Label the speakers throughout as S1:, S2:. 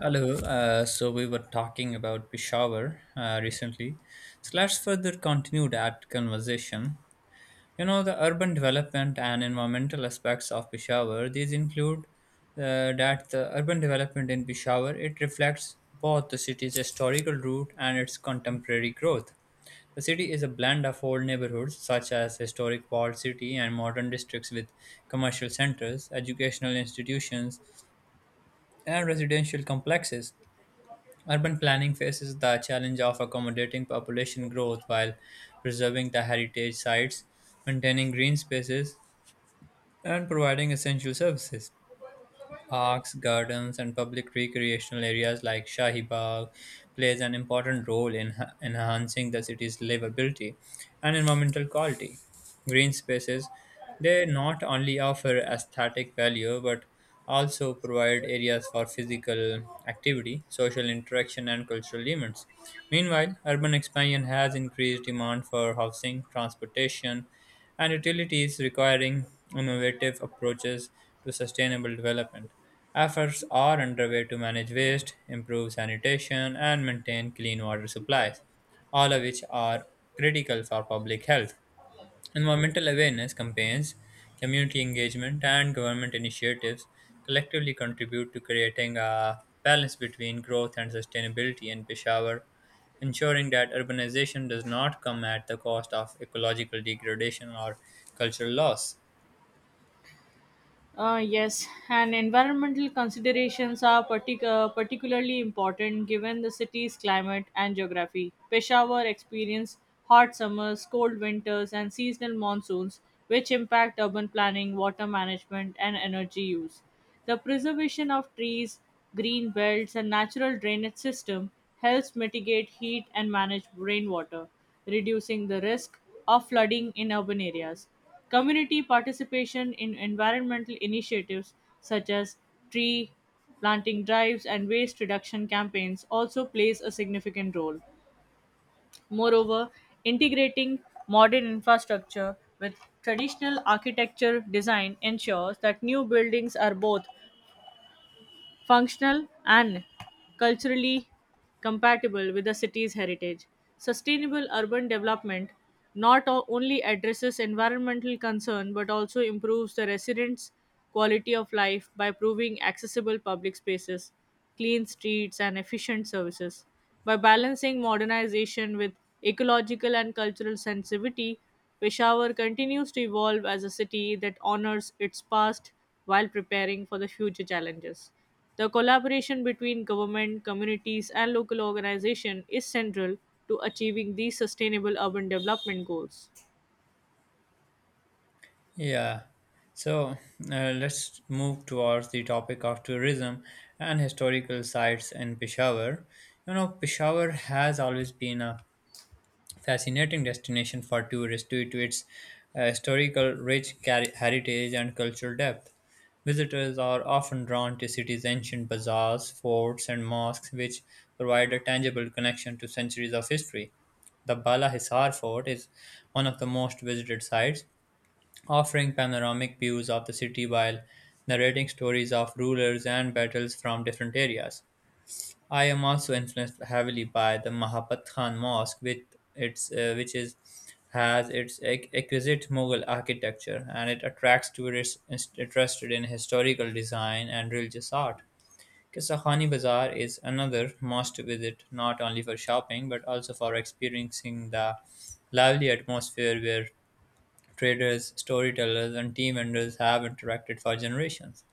S1: Hello. So we were talking about Peshawar recently. So let's further continue that conversation. You know, the urban development and environmental aspects of Peshawar, these include that the urban development in Peshawar, it reflects both the city's historical root and its contemporary growth. The city is a blend of old neighborhoods such as historic walled city and modern districts with commercial centers, educational institutions, and residential complexes. Urban planning faces the challenge of accommodating population growth while preserving the heritage sites, maintaining green spaces, and providing essential services. Parks, gardens, and public recreational areas like Shahi Bagh plays an important role in enhancing the city's livability and environmental quality. Green spaces, they not only offer aesthetic value but also provide areas for physical activity, social interaction, and cultural events. Meanwhile, urban expansion has increased demand for housing, transportation, and utilities requiring innovative approaches to sustainable development. Efforts are underway to manage waste, improve sanitation, and maintain clean water supplies, all of which are critical for public health. Environmental awareness campaigns, community engagement, and government initiatives collectively contribute to creating a balance between growth and sustainability in Peshawar, ensuring that urbanization does not come at the cost of ecological degradation or cultural loss.
S2: Yes, and environmental considerations are particularly important given the city's climate and geography. Peshawar experiences hot summers, cold winters, and seasonal monsoons, which impact urban planning, water management, and energy use. The preservation of trees, green belts, and natural drainage system helps mitigate heat and manage rainwater, reducing the risk of flooding in urban areas. Community participation in environmental initiatives such as tree planting drives and waste reduction campaigns also plays a significant role. Moreover, integrating modern infrastructure with traditional architecture design ensures that new buildings are both functional, and culturally compatible with the city's heritage. Sustainable urban development not only addresses environmental concern but also improves the residents' quality of life by proving accessible public spaces, clean streets, and efficient services. By balancing modernization with ecological and cultural sensitivity, Peshawar continues to evolve as a city that honors its past while preparing for the future challenges. The collaboration between government, communities, and local organizations is central to achieving these sustainable urban development goals.
S1: Yeah. So let's move towards the topic of tourism and historical sites in Peshawar. You know, Peshawar has always been a fascinating destination for tourists due to its historical heritage and cultural depth. Visitors are often drawn to city's ancient bazaars, forts, and mosques, which provide a tangible connection to centuries of history. The Bala Hisar Fort is one of the most visited sites, offering panoramic views of the city while narrating stories of rulers and battles from different areas. I am also influenced heavily by the Mahabat Khan Mosque, with its which is has its exquisite Mughal architecture, and it attracts tourists interested in historical design and religious art. Kisahani Bazaar is another must visit, not only for shopping but also for experiencing the lively atmosphere where traders, storytellers, and tea vendors have interacted for generations.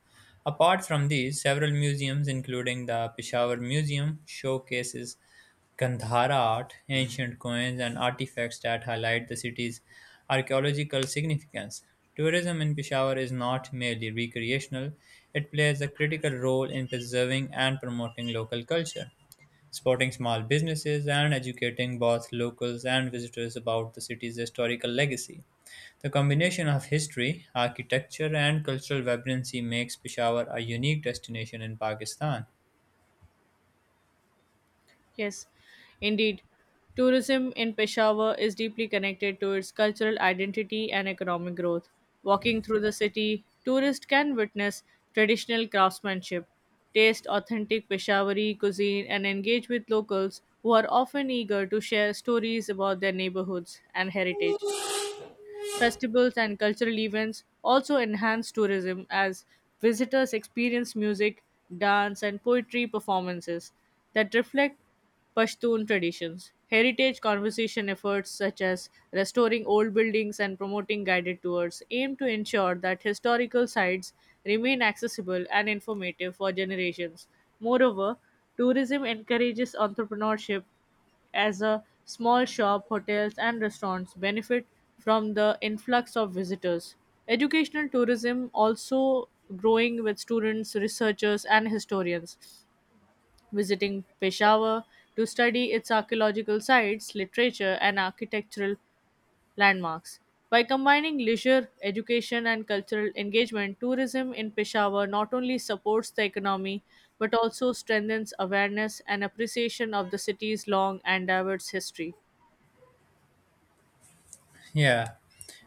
S1: Apart from these, several museums, including the Peshawar Museum, showcases Gandhara art, ancient coins, and artifacts that highlight the city's archaeological significance. Tourism in Peshawar is not merely recreational, it plays a critical role in preserving and promoting local culture, supporting small businesses, and educating both locals and visitors about the city's historical legacy. The combination of history, architecture, and cultural vibrancy makes Peshawar a unique destination in Pakistan.
S2: Yes, indeed. Tourism in Peshawar is deeply connected to its cultural identity and economic growth. Walking through the city, tourists can witness traditional craftsmanship, taste authentic Peshawari cuisine, and engage with locals who are often eager to share stories about their neighborhoods and heritage. Festivals and cultural events also enhance tourism as visitors experience music, dance, and poetry performances that reflect Pashtun traditions. Heritage conservation efforts such as restoring old buildings and promoting guided tours aim to ensure that historical sites remain accessible and informative for generations. Moreover, tourism encourages entrepreneurship as a small shop, hotels and restaurants benefit from the influx of visitors. Educational tourism also growing with students, researchers and historians visiting Peshawar to study its archaeological sites, literature and architectural landmarks. By combining leisure, education, and cultural engagement, tourism in Peshawar not only supports the economy but also strengthens awareness and appreciation of the city's long and diverse history.
S1: Yeah,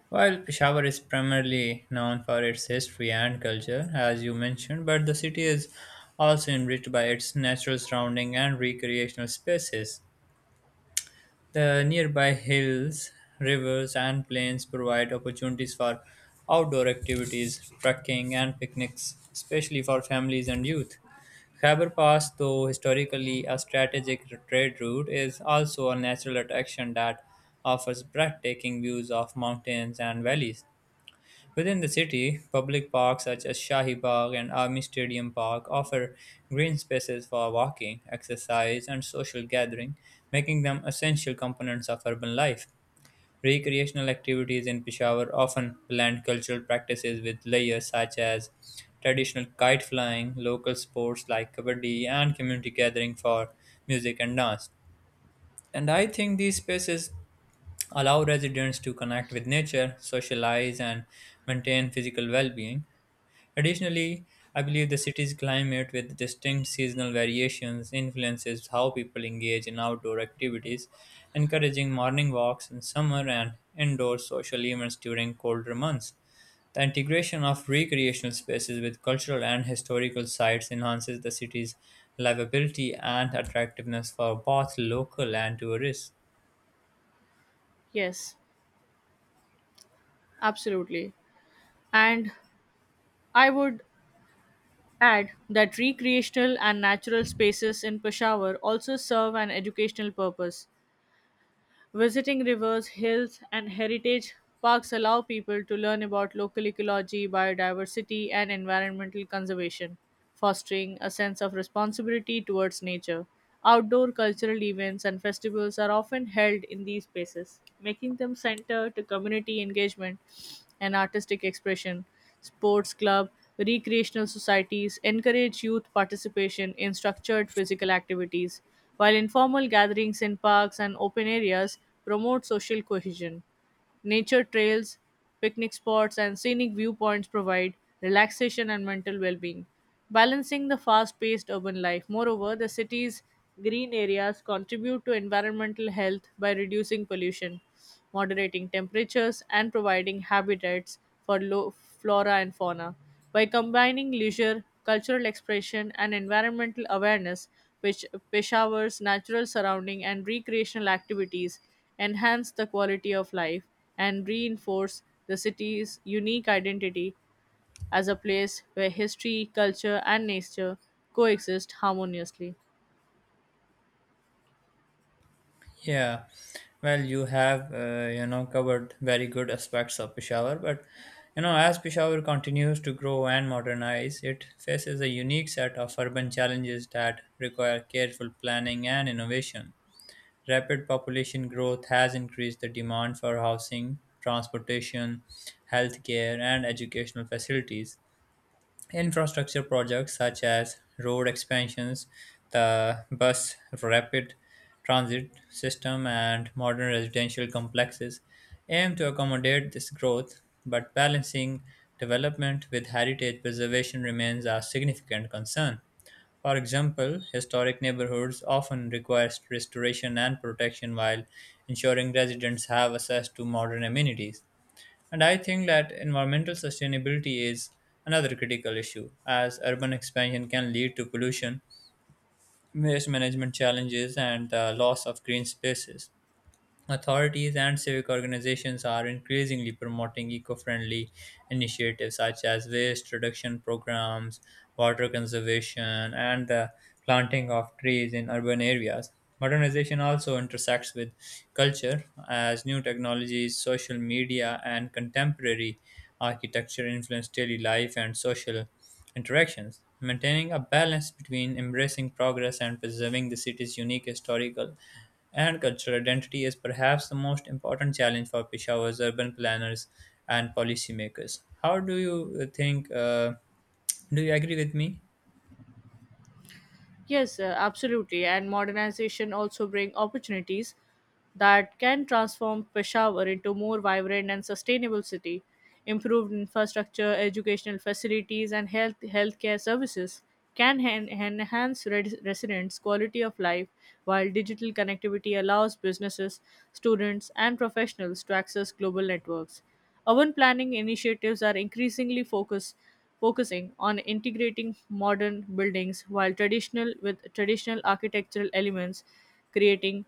S1: while Peshawar is primarily known for its history and culture, as you mentioned, but the city is also enriched by its natural surrounding and recreational spaces. The nearby hills, rivers, and plains provide opportunities for outdoor activities, trekking, and picnics, especially for families and youth. Khyber Pass, though historically a strategic trade route, is also a natural attraction that offers breathtaking views of mountains and valleys. Within the city, public parks such as Shahi Bagh and Army Stadium Park offer green spaces for walking, exercise, and social gathering, making them essential components of urban life. Recreational activities in Peshawar often blend cultural practices with layers such as traditional kite flying, local sports like kabaddi, and community gathering for music and dance. And I think these spaces allow residents to connect with nature, socialize, and maintain physical well being. Additionally, I believe the city's climate, with distinct seasonal variations, influences how people engage in outdoor activities, encouraging morning walks in summer and indoor social events during colder months. The integration of recreational spaces with cultural and historical sites enhances the city's livability and attractiveness for both local and tourists.
S2: Yes, absolutely. And I would add that recreational and natural spaces in Peshawar also serve an educational purpose. Visiting rivers, hills, and heritage parks allow people to learn about local ecology, biodiversity, and environmental conservation, fostering a sense of responsibility towards nature. Outdoor cultural events and festivals are often held in these spaces, making them center to community engagement and artistic expression. Sports club, recreational societies encourage youth participation in structured physical activities, while informal gatherings in parks and open areas promote social cohesion. Nature trails, picnic spots, and scenic viewpoints provide relaxation and mental well being, balancing the fast paced urban life. Moreover, the city's green areas contribute to environmental health by reducing pollution, moderating temperatures, and providing habitats for low flora and fauna. By combining leisure, cultural expression, and environmental awareness, which Peshawar's natural surrounding and recreational activities enhance the quality of life and reinforce the city's unique identity as a place where history, culture, and nature coexist harmoniously.
S1: Yeah, well, you have you know covered very good aspects of Peshawar, but you know as Peshawar continues to grow and modernize, it faces a unique set of urban challenges that require careful planning and innovation. Rapid population growth has increased the demand for housing, transportation, healthcare, and educational facilities. Infrastructure projects such as road expansions, the bus rapid transit system, and modern residential complexes aim to accommodate this growth, but balancing development with heritage preservation remains a significant concern. For example, historic neighborhoods often require restoration and protection while ensuring residents have access to modern amenities. And I think that environmental sustainability is another critical issue, as urban expansion can lead to pollution, waste management challenges, and the loss of green spaces. Authorities and civic organizations are increasingly promoting eco friendly initiatives such as waste reduction programs, water conservation, and the planting of trees in urban areas. Modernization also intersects with culture as new technologies, social media, and contemporary architecture influence daily life and social interactions. Maintaining a balance between embracing progress and preserving the city's unique historical and cultural identity is perhaps the most important challenge for Peshawar's urban planners and policymakers. How do you think? Do you agree with me?
S2: Yes, absolutely. And modernization also bring opportunities that can transform Peshawar into more vibrant and sustainable city. Improved infrastructure, educational facilities, and health healthcare services can enhance residents' quality of life, while digital connectivity allows businesses, students, and professionals to access global networks. Urban planning initiatives are increasingly focusing on integrating modern buildings while traditional with traditional architectural elements, creating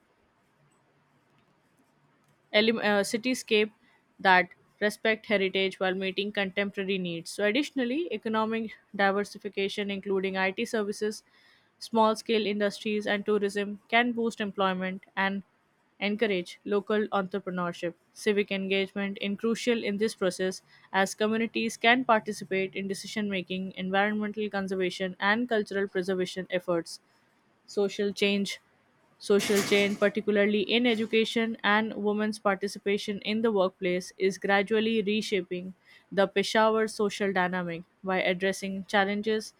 S2: cityscape that respect heritage while meeting contemporary needs. So, additionally, economic diversification, including IT services, small scale industries, and tourism, can boost employment and encourage local entrepreneurship. Civic engagement is crucial in this process as communities can participate in decision making, environmental conservation, and cultural preservation efforts. Social change social change particularly in education and women's participation in the workplace is gradually reshaping the peshawar social dynamic. By addressing challenges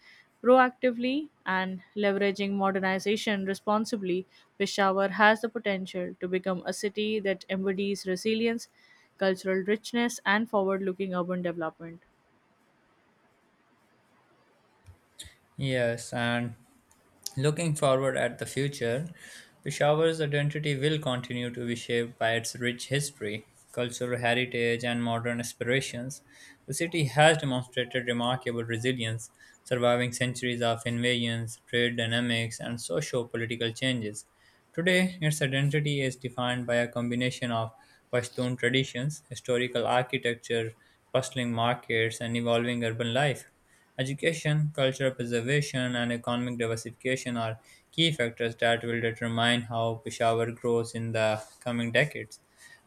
S2: proactively and leveraging modernization responsibly, peshawar has the potential to become a city that embodies resilience, cultural richness, and forward looking urban development.
S1: Yes, and looking forward at the future, Peshawar's identity will continue to be shaped by its rich history, cultural heritage, and modern aspirations. The city has demonstrated remarkable resilience, surviving centuries of invasions, trade dynamics, and socio political changes. Today, its identity is defined by a combination of Pashtun traditions, historical architecture, bustling markets, and evolving urban life. Education, cultural preservation, and economic diversification are key factors that will determine how Peshawar grows in the coming decades.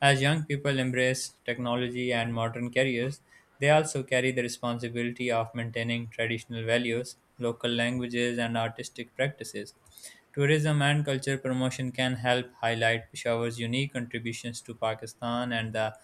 S1: As young people embrace technology and modern careers, they also carry the responsibility of maintaining traditional values, local languages, and artistic practices. Tourism and culture promotion can help highlight Peshawar's unique contributions to Pakistan and the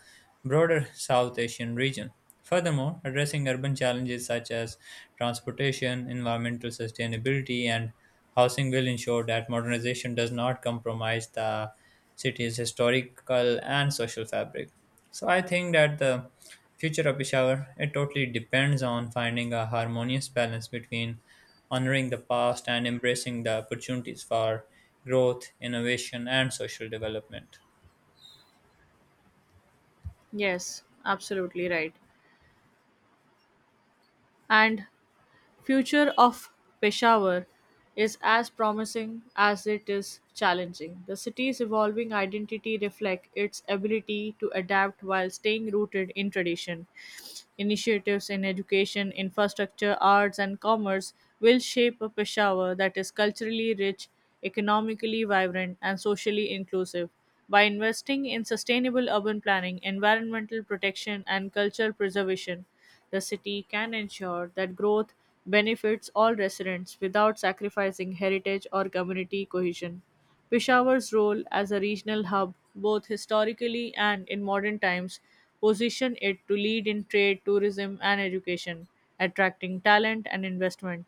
S1: broader South Asian region. Furthermore, addressing urban challenges such as transportation, environmental sustainability, and housing will ensure that modernization does not compromise the city's historical and social fabric. So I think that the future of Peshawar it totally depends on finding a harmonious balance between honoring the past and embracing the opportunities for growth, innovation, and social development.
S2: Yes, absolutely right. And future of Peshawar is as promising as it is challenging. The city's evolving identity reflects its ability to adapt while staying rooted in tradition. Initiatives in education, infrastructure, arts, and commerce will shape a Peshawar that is culturally rich, economically vibrant, and socially inclusive. By investing in sustainable urban planning, environmental protection, and cultural preservation, the city can ensure that growth benefits all residents without sacrificing heritage or community cohesion. Peshawar's role as a regional hub, both historically and in modern times, position it to lead in trade, tourism, and education, attracting talent and investment.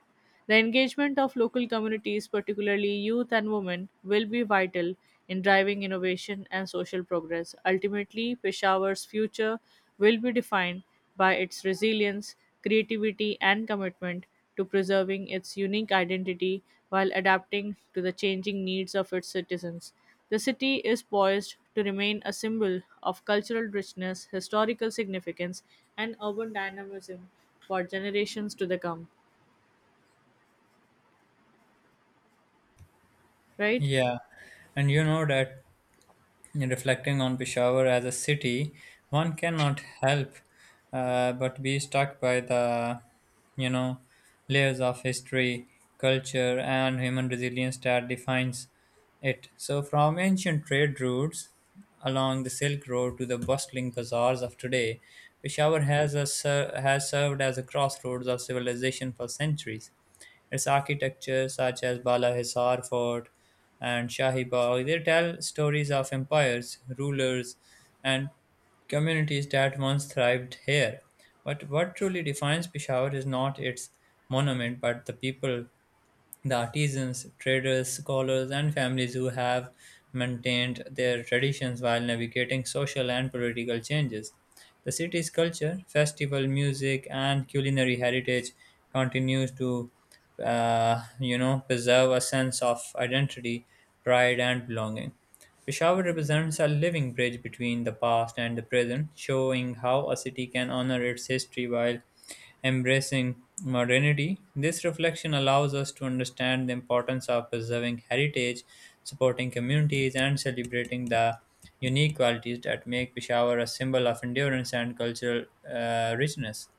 S2: The engagement of local communities, particularly youth and women, will be vital in driving innovation and social progress. Ultimately, Peshawar's future will be defined by its resilience, creativity, and commitment to preserving its unique identity while adapting to the changing needs of its citizens. The city is poised to remain a symbol of cultural richness, historical significance, and urban dynamism for generations to the come. Right?
S1: Yeah, and you know that reflecting on Peshawar as a city, one cannot help but be struck by the, you know, layers of history, culture, and human resilience that defines it. So, from ancient trade routes along the Silk Road to the bustling bazaars of today, Peshawar has served as a crossroads of civilization for centuries. Its architecture, such as Bala Hisar Fort and Shahi Bagh, they tell stories of empires, rulers, and communities that once thrived here. But what truly defines Peshawar is not its monument, but the people the artisans, traders, scholars, and families who have maintained their traditions while navigating social and political changes. The city's culture, festival, music, and culinary heritage continues to, you know, preserve a sense of identity, pride, and belonging. Peshawar represents a living bridge between the past and the present, showing how a city can honor its history while embracing modernity. This reflection allows us to understand the importance of preserving heritage, supporting communities, and celebrating the unique qualities that make Peshawar a symbol of endurance and cultural richness.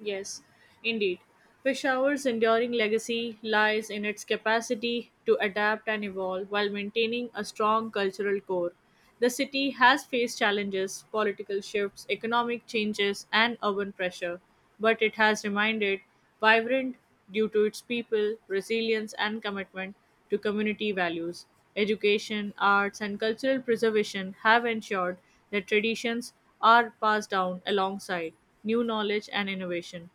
S2: Yes, indeed. Peshawar's enduring legacy lies in its capacity to adapt and evolve while maintaining a strong cultural core. The city has faced challenges, political shifts, economic changes, and urban pressure, but it has remained vibrant due to its people, resilience, and commitment to community values. Education, arts, and cultural preservation have ensured their traditions are passed down alongside new knowledge and innovation.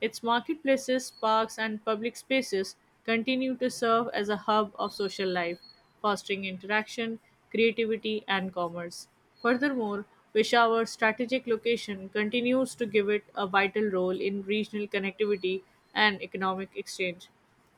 S2: Its marketplaces, parks, and public spaces continue to serve as a hub of social life, fostering interaction, creativity, and commerce. Furthermore, Peshawar's strategic location continues to give it a vital role in regional connectivity and economic exchange.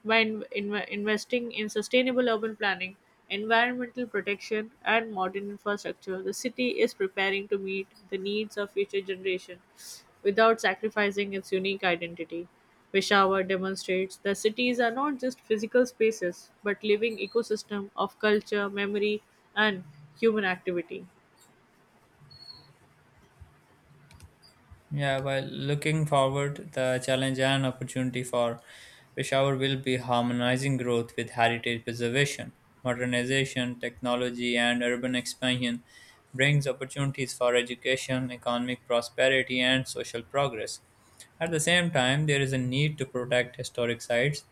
S2: By investing in sustainable urban planning, environmental protection, and modern infrastructure, the city is preparing to meet the needs of future generations without sacrificing its unique identity. Peshawar demonstrates that cities are not just physical spaces but living ecosystem of culture, memory, and human activity.
S1: Yeah, while looking forward, the challenge and opportunity for Peshawar will be harmonizing growth with heritage preservation. Modernization, technology, and urban expansion brings opportunities for education, economic prosperity, and social progress. At the same time, there is a need to protect historic sites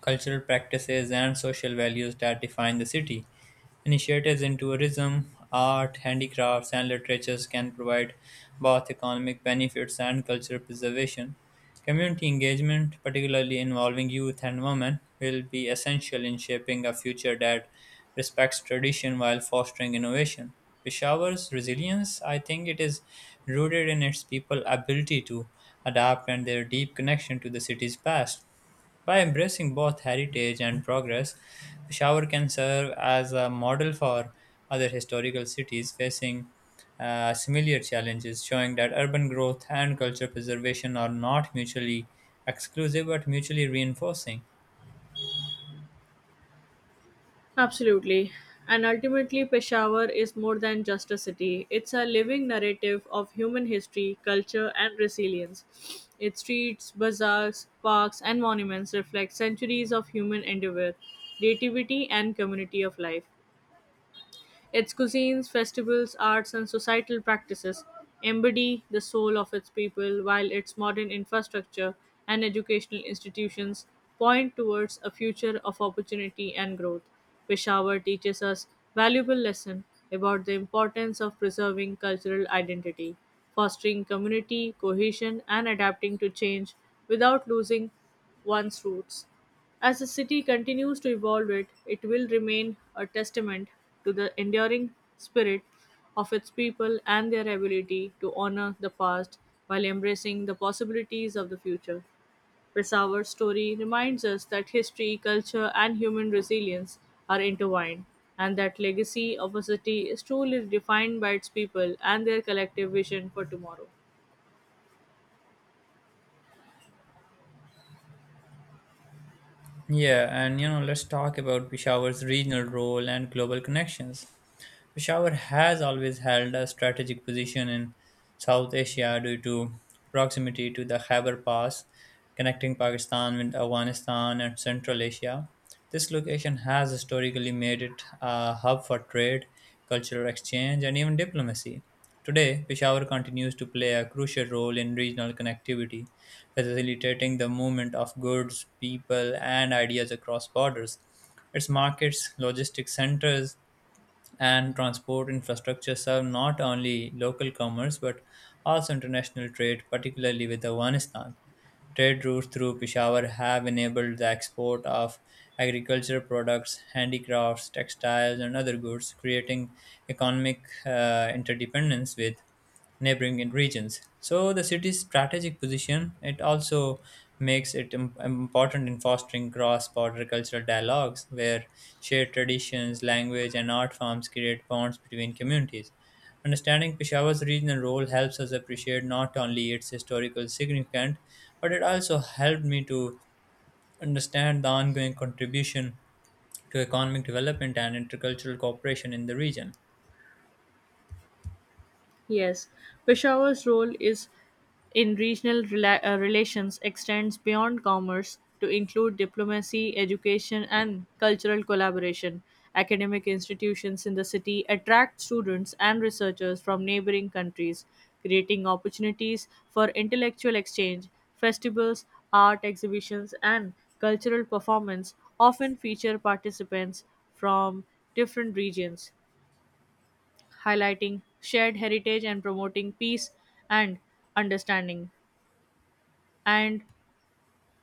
S1: cultural practices, and social values that define the city. Initiatives in tourism, art, handicrafts, and literatures can provide both economic benefits and cultural preservation. Community engagement, particularly involving youth and women, will be essential in shaping a future that respects tradition while fostering innovation. Peshawar's resilience, I think it is rooted in its people's ability to adapt and their deep connection to the city's past. By embracing both heritage and progress, Peshawar can serve as a model for other historical cities facing similar challenges, showing that urban growth and culture preservation are not mutually exclusive but mutually reinforcing.
S2: Absolutely. And ultimately, Peshawar is more than just a city. It's a living narrative of human history, culture, and resilience. Its streets, bazaars, parks, and monuments reflect centuries of human endeavor, creativity, and community of life. Its cuisines, festivals, arts, and societal practices embody the soul of its people, while its modern infrastructure and educational institutions point towards a future of opportunity and growth. Peshawar teaches us valuable lesson about the importance of preserving cultural identity, fostering community cohesion, and adapting to change without losing one's roots. As the city continues to evolve it, it will remain a testament to the enduring spirit of its people and their ability to honor the past while embracing the possibilities of the future. Pesawar's story reminds us that history, culture, and human resilience are intertwined, and that legacy of a city is truly defined by its people and their collective vision for tomorrow.
S1: Yeah, and you know, let's talk about Peshawar's regional role and global connections. Peshawar has always held a strategic position in South Asia due to proximity to the Khyber Pass, connecting Pakistan with Afghanistan and Central Asia. This location has historically made it a hub for trade, cultural exchange, and even diplomacy. Today, Peshawar continues to play a crucial role in regional connectivity, facilitating the movement of goods, people, and ideas across borders. Its markets, logistics centers, and transport infrastructure serve not only local commerce but also international trade, particularly with Afghanistan. Trade routes through Peshawar have enabled the export of agricultural products, handicrafts, textiles, and other goods, creating economic interdependence with neighboring in regions. So the city's strategic position it also makes it important in fostering cross-border cultural dialogues where shared traditions, language, and art forms create bonds between communities. Understanding Peshawar's regional role helps us appreciate not only its historical significance, but it also helped me to understand the ongoing contribution to economic development and intercultural cooperation in the region.
S2: Yes, Peshawar's role is in regional relations extends beyond commerce to include diplomacy, education, and cultural collaboration. Academic institutions in the city attract students and researchers from neighboring countries, creating opportunities for intellectual exchange. Festivals, art exhibitions, and cultural performance often feature participants from different regions highlighting shared heritage and promoting peace and understanding. And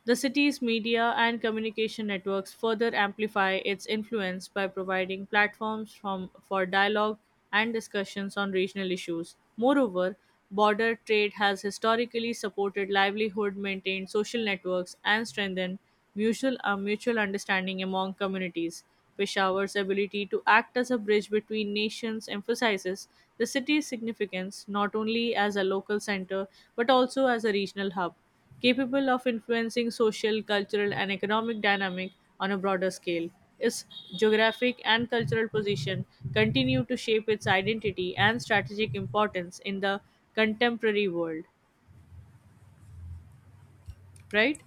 S2: the city's media and communication networks further amplify its influence by providing platforms for dialogue and discussions on regional issues. Moreover, border trade has historically supported livelihood, maintained social networks, and strengthened Mutual a mutual understanding among communities. Peshawar's ability to act as a bridge between nations emphasizes the city's significance not only as a local center but also as a regional hub, capable of influencing social, cultural, and economic dynamic on a broader scale. Its geographic and cultural position continue to shape its identity and strategic importance in the contemporary world, right?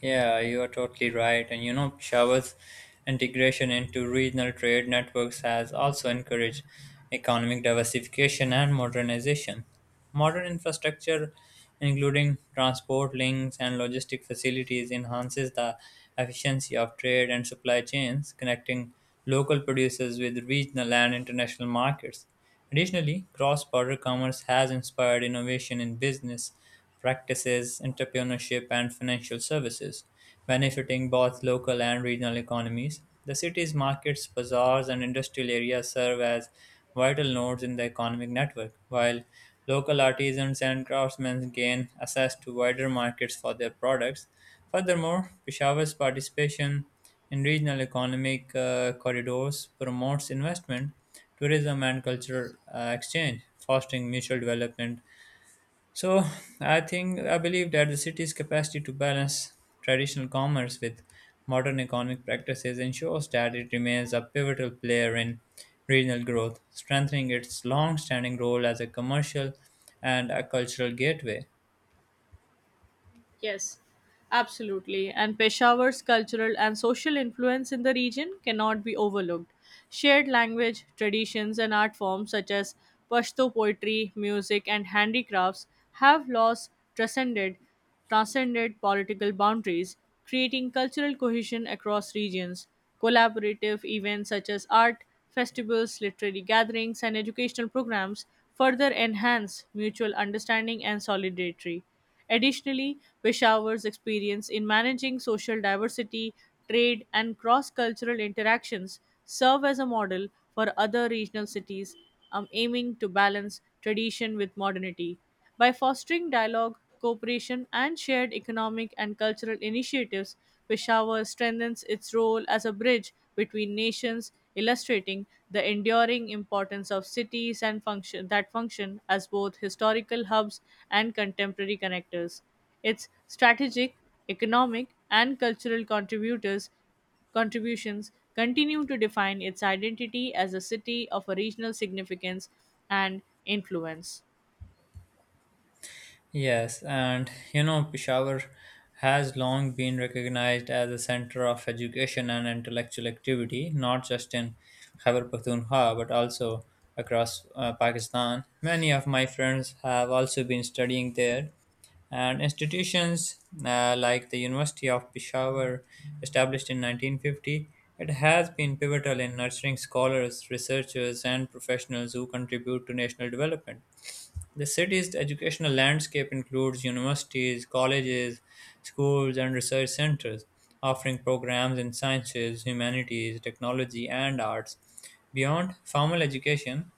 S1: Yeah, you are totally right. And you know, Peshawar's integration into regional trade networks has also encouraged economic diversification and modernization. Modern infrastructure, including transport links and logistic facilities, enhances the efficiency of trade and supply chains, connecting local producers with regional and international markets. Additionally, cross border commerce has inspired innovation in business practices, entrepreneurship, and financial services, benefiting both local and regional economies. The city's markets, bazaars, and industrial areas serve as vital nodes in the economic network, while local artisans and craftsmen gain access to wider markets for their products. Furthermore, Peshawar's participation in regional economic corridors promotes investment tourism and cultural exchange, fostering mutual development, so I believe that the city's capacity to balance traditional commerce with modern economic practices ensures that it remains a pivotal player in regional growth, strengthening its long-standing role as a commercial and a cultural gateway.
S2: Yes, absolutely. And Peshawar's cultural and social influence in the region cannot be overlooked. Shared language, traditions, and art forms such as Pashto poetry, music, and handicrafts have laws transcended, transcended political boundaries, creating cultural cohesion across regions. Collaborative events such as art, festivals, literary gatherings, and educational programs further enhance mutual understanding and solidarity. Additionally, Peshawar's experience in managing social diversity, trade, and cross cultural interactions serve as a model for other regional cities, aiming to balance tradition with modernity. By fostering dialogue, cooperation, and shared economic and cultural initiatives, Peshawar strengthens its role as a bridge between nations, illustrating the enduring importance of cities and function that function as both historical hubs and contemporary connectors. Its strategic, economic, and cultural contributors contributions continue to define its identity as a city of a regional significance and influence.
S1: Yes, and you know, Peshawar has long been recognized as a center of education and intellectual activity, not just in Khyber Pakhtunkhwa but also across Pakistan. Many of my friends have also been studying there, and institutions like the University of Peshawar, established in 1950, it has been pivotal in nurturing scholars, researchers, and professionals who contribute to national development. The city's educational landscape includes universities, colleges, schools, and research centers, offering programs in sciences, humanities, technology, and arts. Beyond formal education,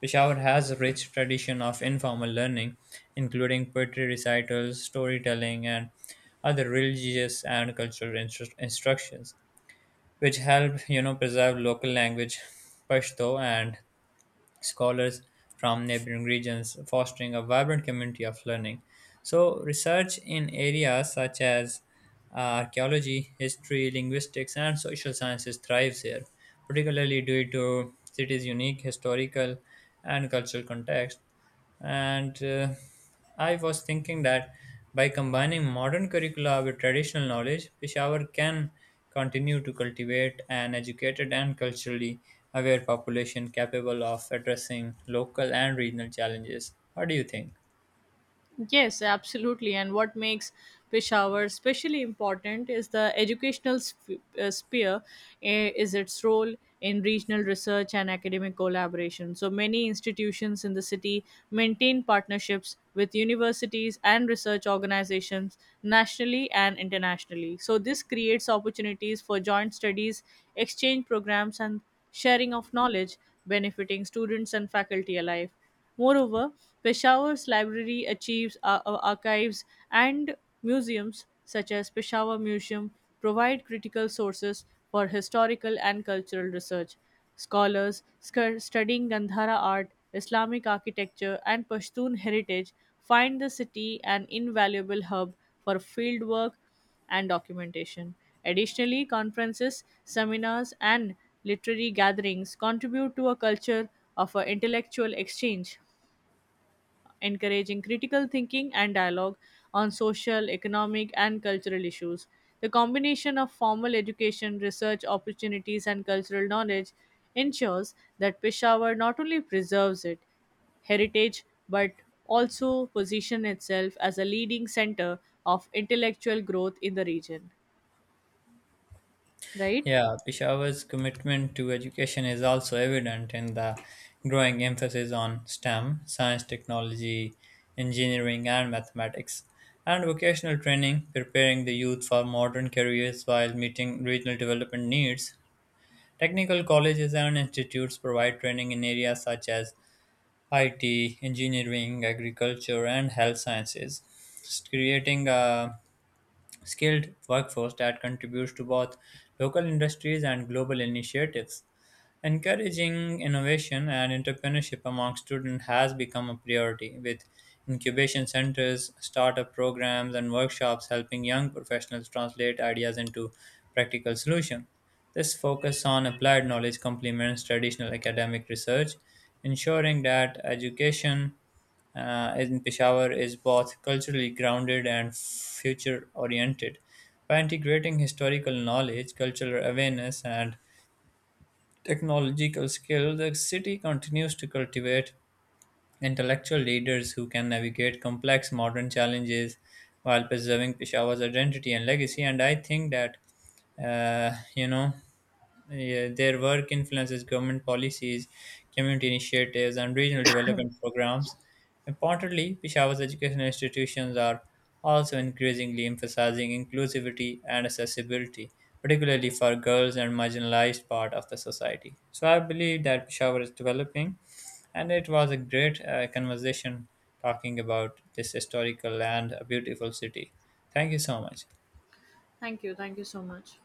S1: Peshawar has a rich tradition of informal learning, including poetry recitals, storytelling, and other religious and cultural instructions, which help preserve local language Pashto and scholars from neighboring regions, fostering a vibrant community of learning. So, research in areas such as archaeology, history, linguistics, and social sciences thrives here, particularly due to city's unique historical and cultural context. And I was thinking that by combining modern curricula with traditional knowledge, Peshawar can continue to cultivate an educated and culturally aware population capable of addressing local and regional challenges. What do you think?
S2: Yes, absolutely. And what makes Peshawar especially important is the educational sphere, is its role in regional research and academic collaboration. So many institutions in the city maintain partnerships with universities and research organizations nationally and internationally. So this creates opportunities for joint studies, exchange programs, and sharing of knowledge, benefiting students and faculty alike. Moreover, Peshawar's library achieves archives and museums such as Peshawar Museum provide critical sources for historical and cultural research. Scholars studying Gandhara art, Islamic architecture, and Pashtun heritage find the city an invaluable hub for fieldwork and documentation. Additionally, conferences, seminars, and literary gatherings contribute to a culture of intellectual exchange, encouraging critical thinking and dialogue on social, economic, and cultural issues. The combination of formal education, research opportunities, and cultural knowledge ensures that Peshawar not only preserves its heritage but also positions itself as a leading center of intellectual growth in the region, right?
S1: Yeah, Peshawar's commitment to education is also evident in the growing emphasis on STEM, science, technology, engineering, and mathematics, and vocational training, preparing the youth for modern careers while meeting regional development needs. Technical colleges and institutes provide training in areas such as IT, engineering, agriculture, and health sciences, creating a skilled workforce that contributes to both local industries and global initiatives. Encouraging innovation and entrepreneurship among students has become a priority, with incubation centers, startup programs, and workshops helping young professionals translate ideas into practical solutions. This focus on applied knowledge complements traditional academic research, ensuring that education in Peshawar is both culturally grounded and future oriented. By integrating historical knowledge, cultural awareness, and technological skill, the city continues to cultivate intellectual leaders who can navigate complex modern challenges while preserving Peshawar's identity and legacy. And I think that, uh, you know, yeah, their work influences government policies, community initiatives, and regional development programs. Importantly, Peshawar's educational institutions are also increasingly emphasizing inclusivity and accessibility, particularly for girls and marginalized part of the society. So I believe that Peshawar is developing, and it was a great conversation talking about this historical and a beautiful city. Thank you so much.
S2: Thank you. Thank you so much.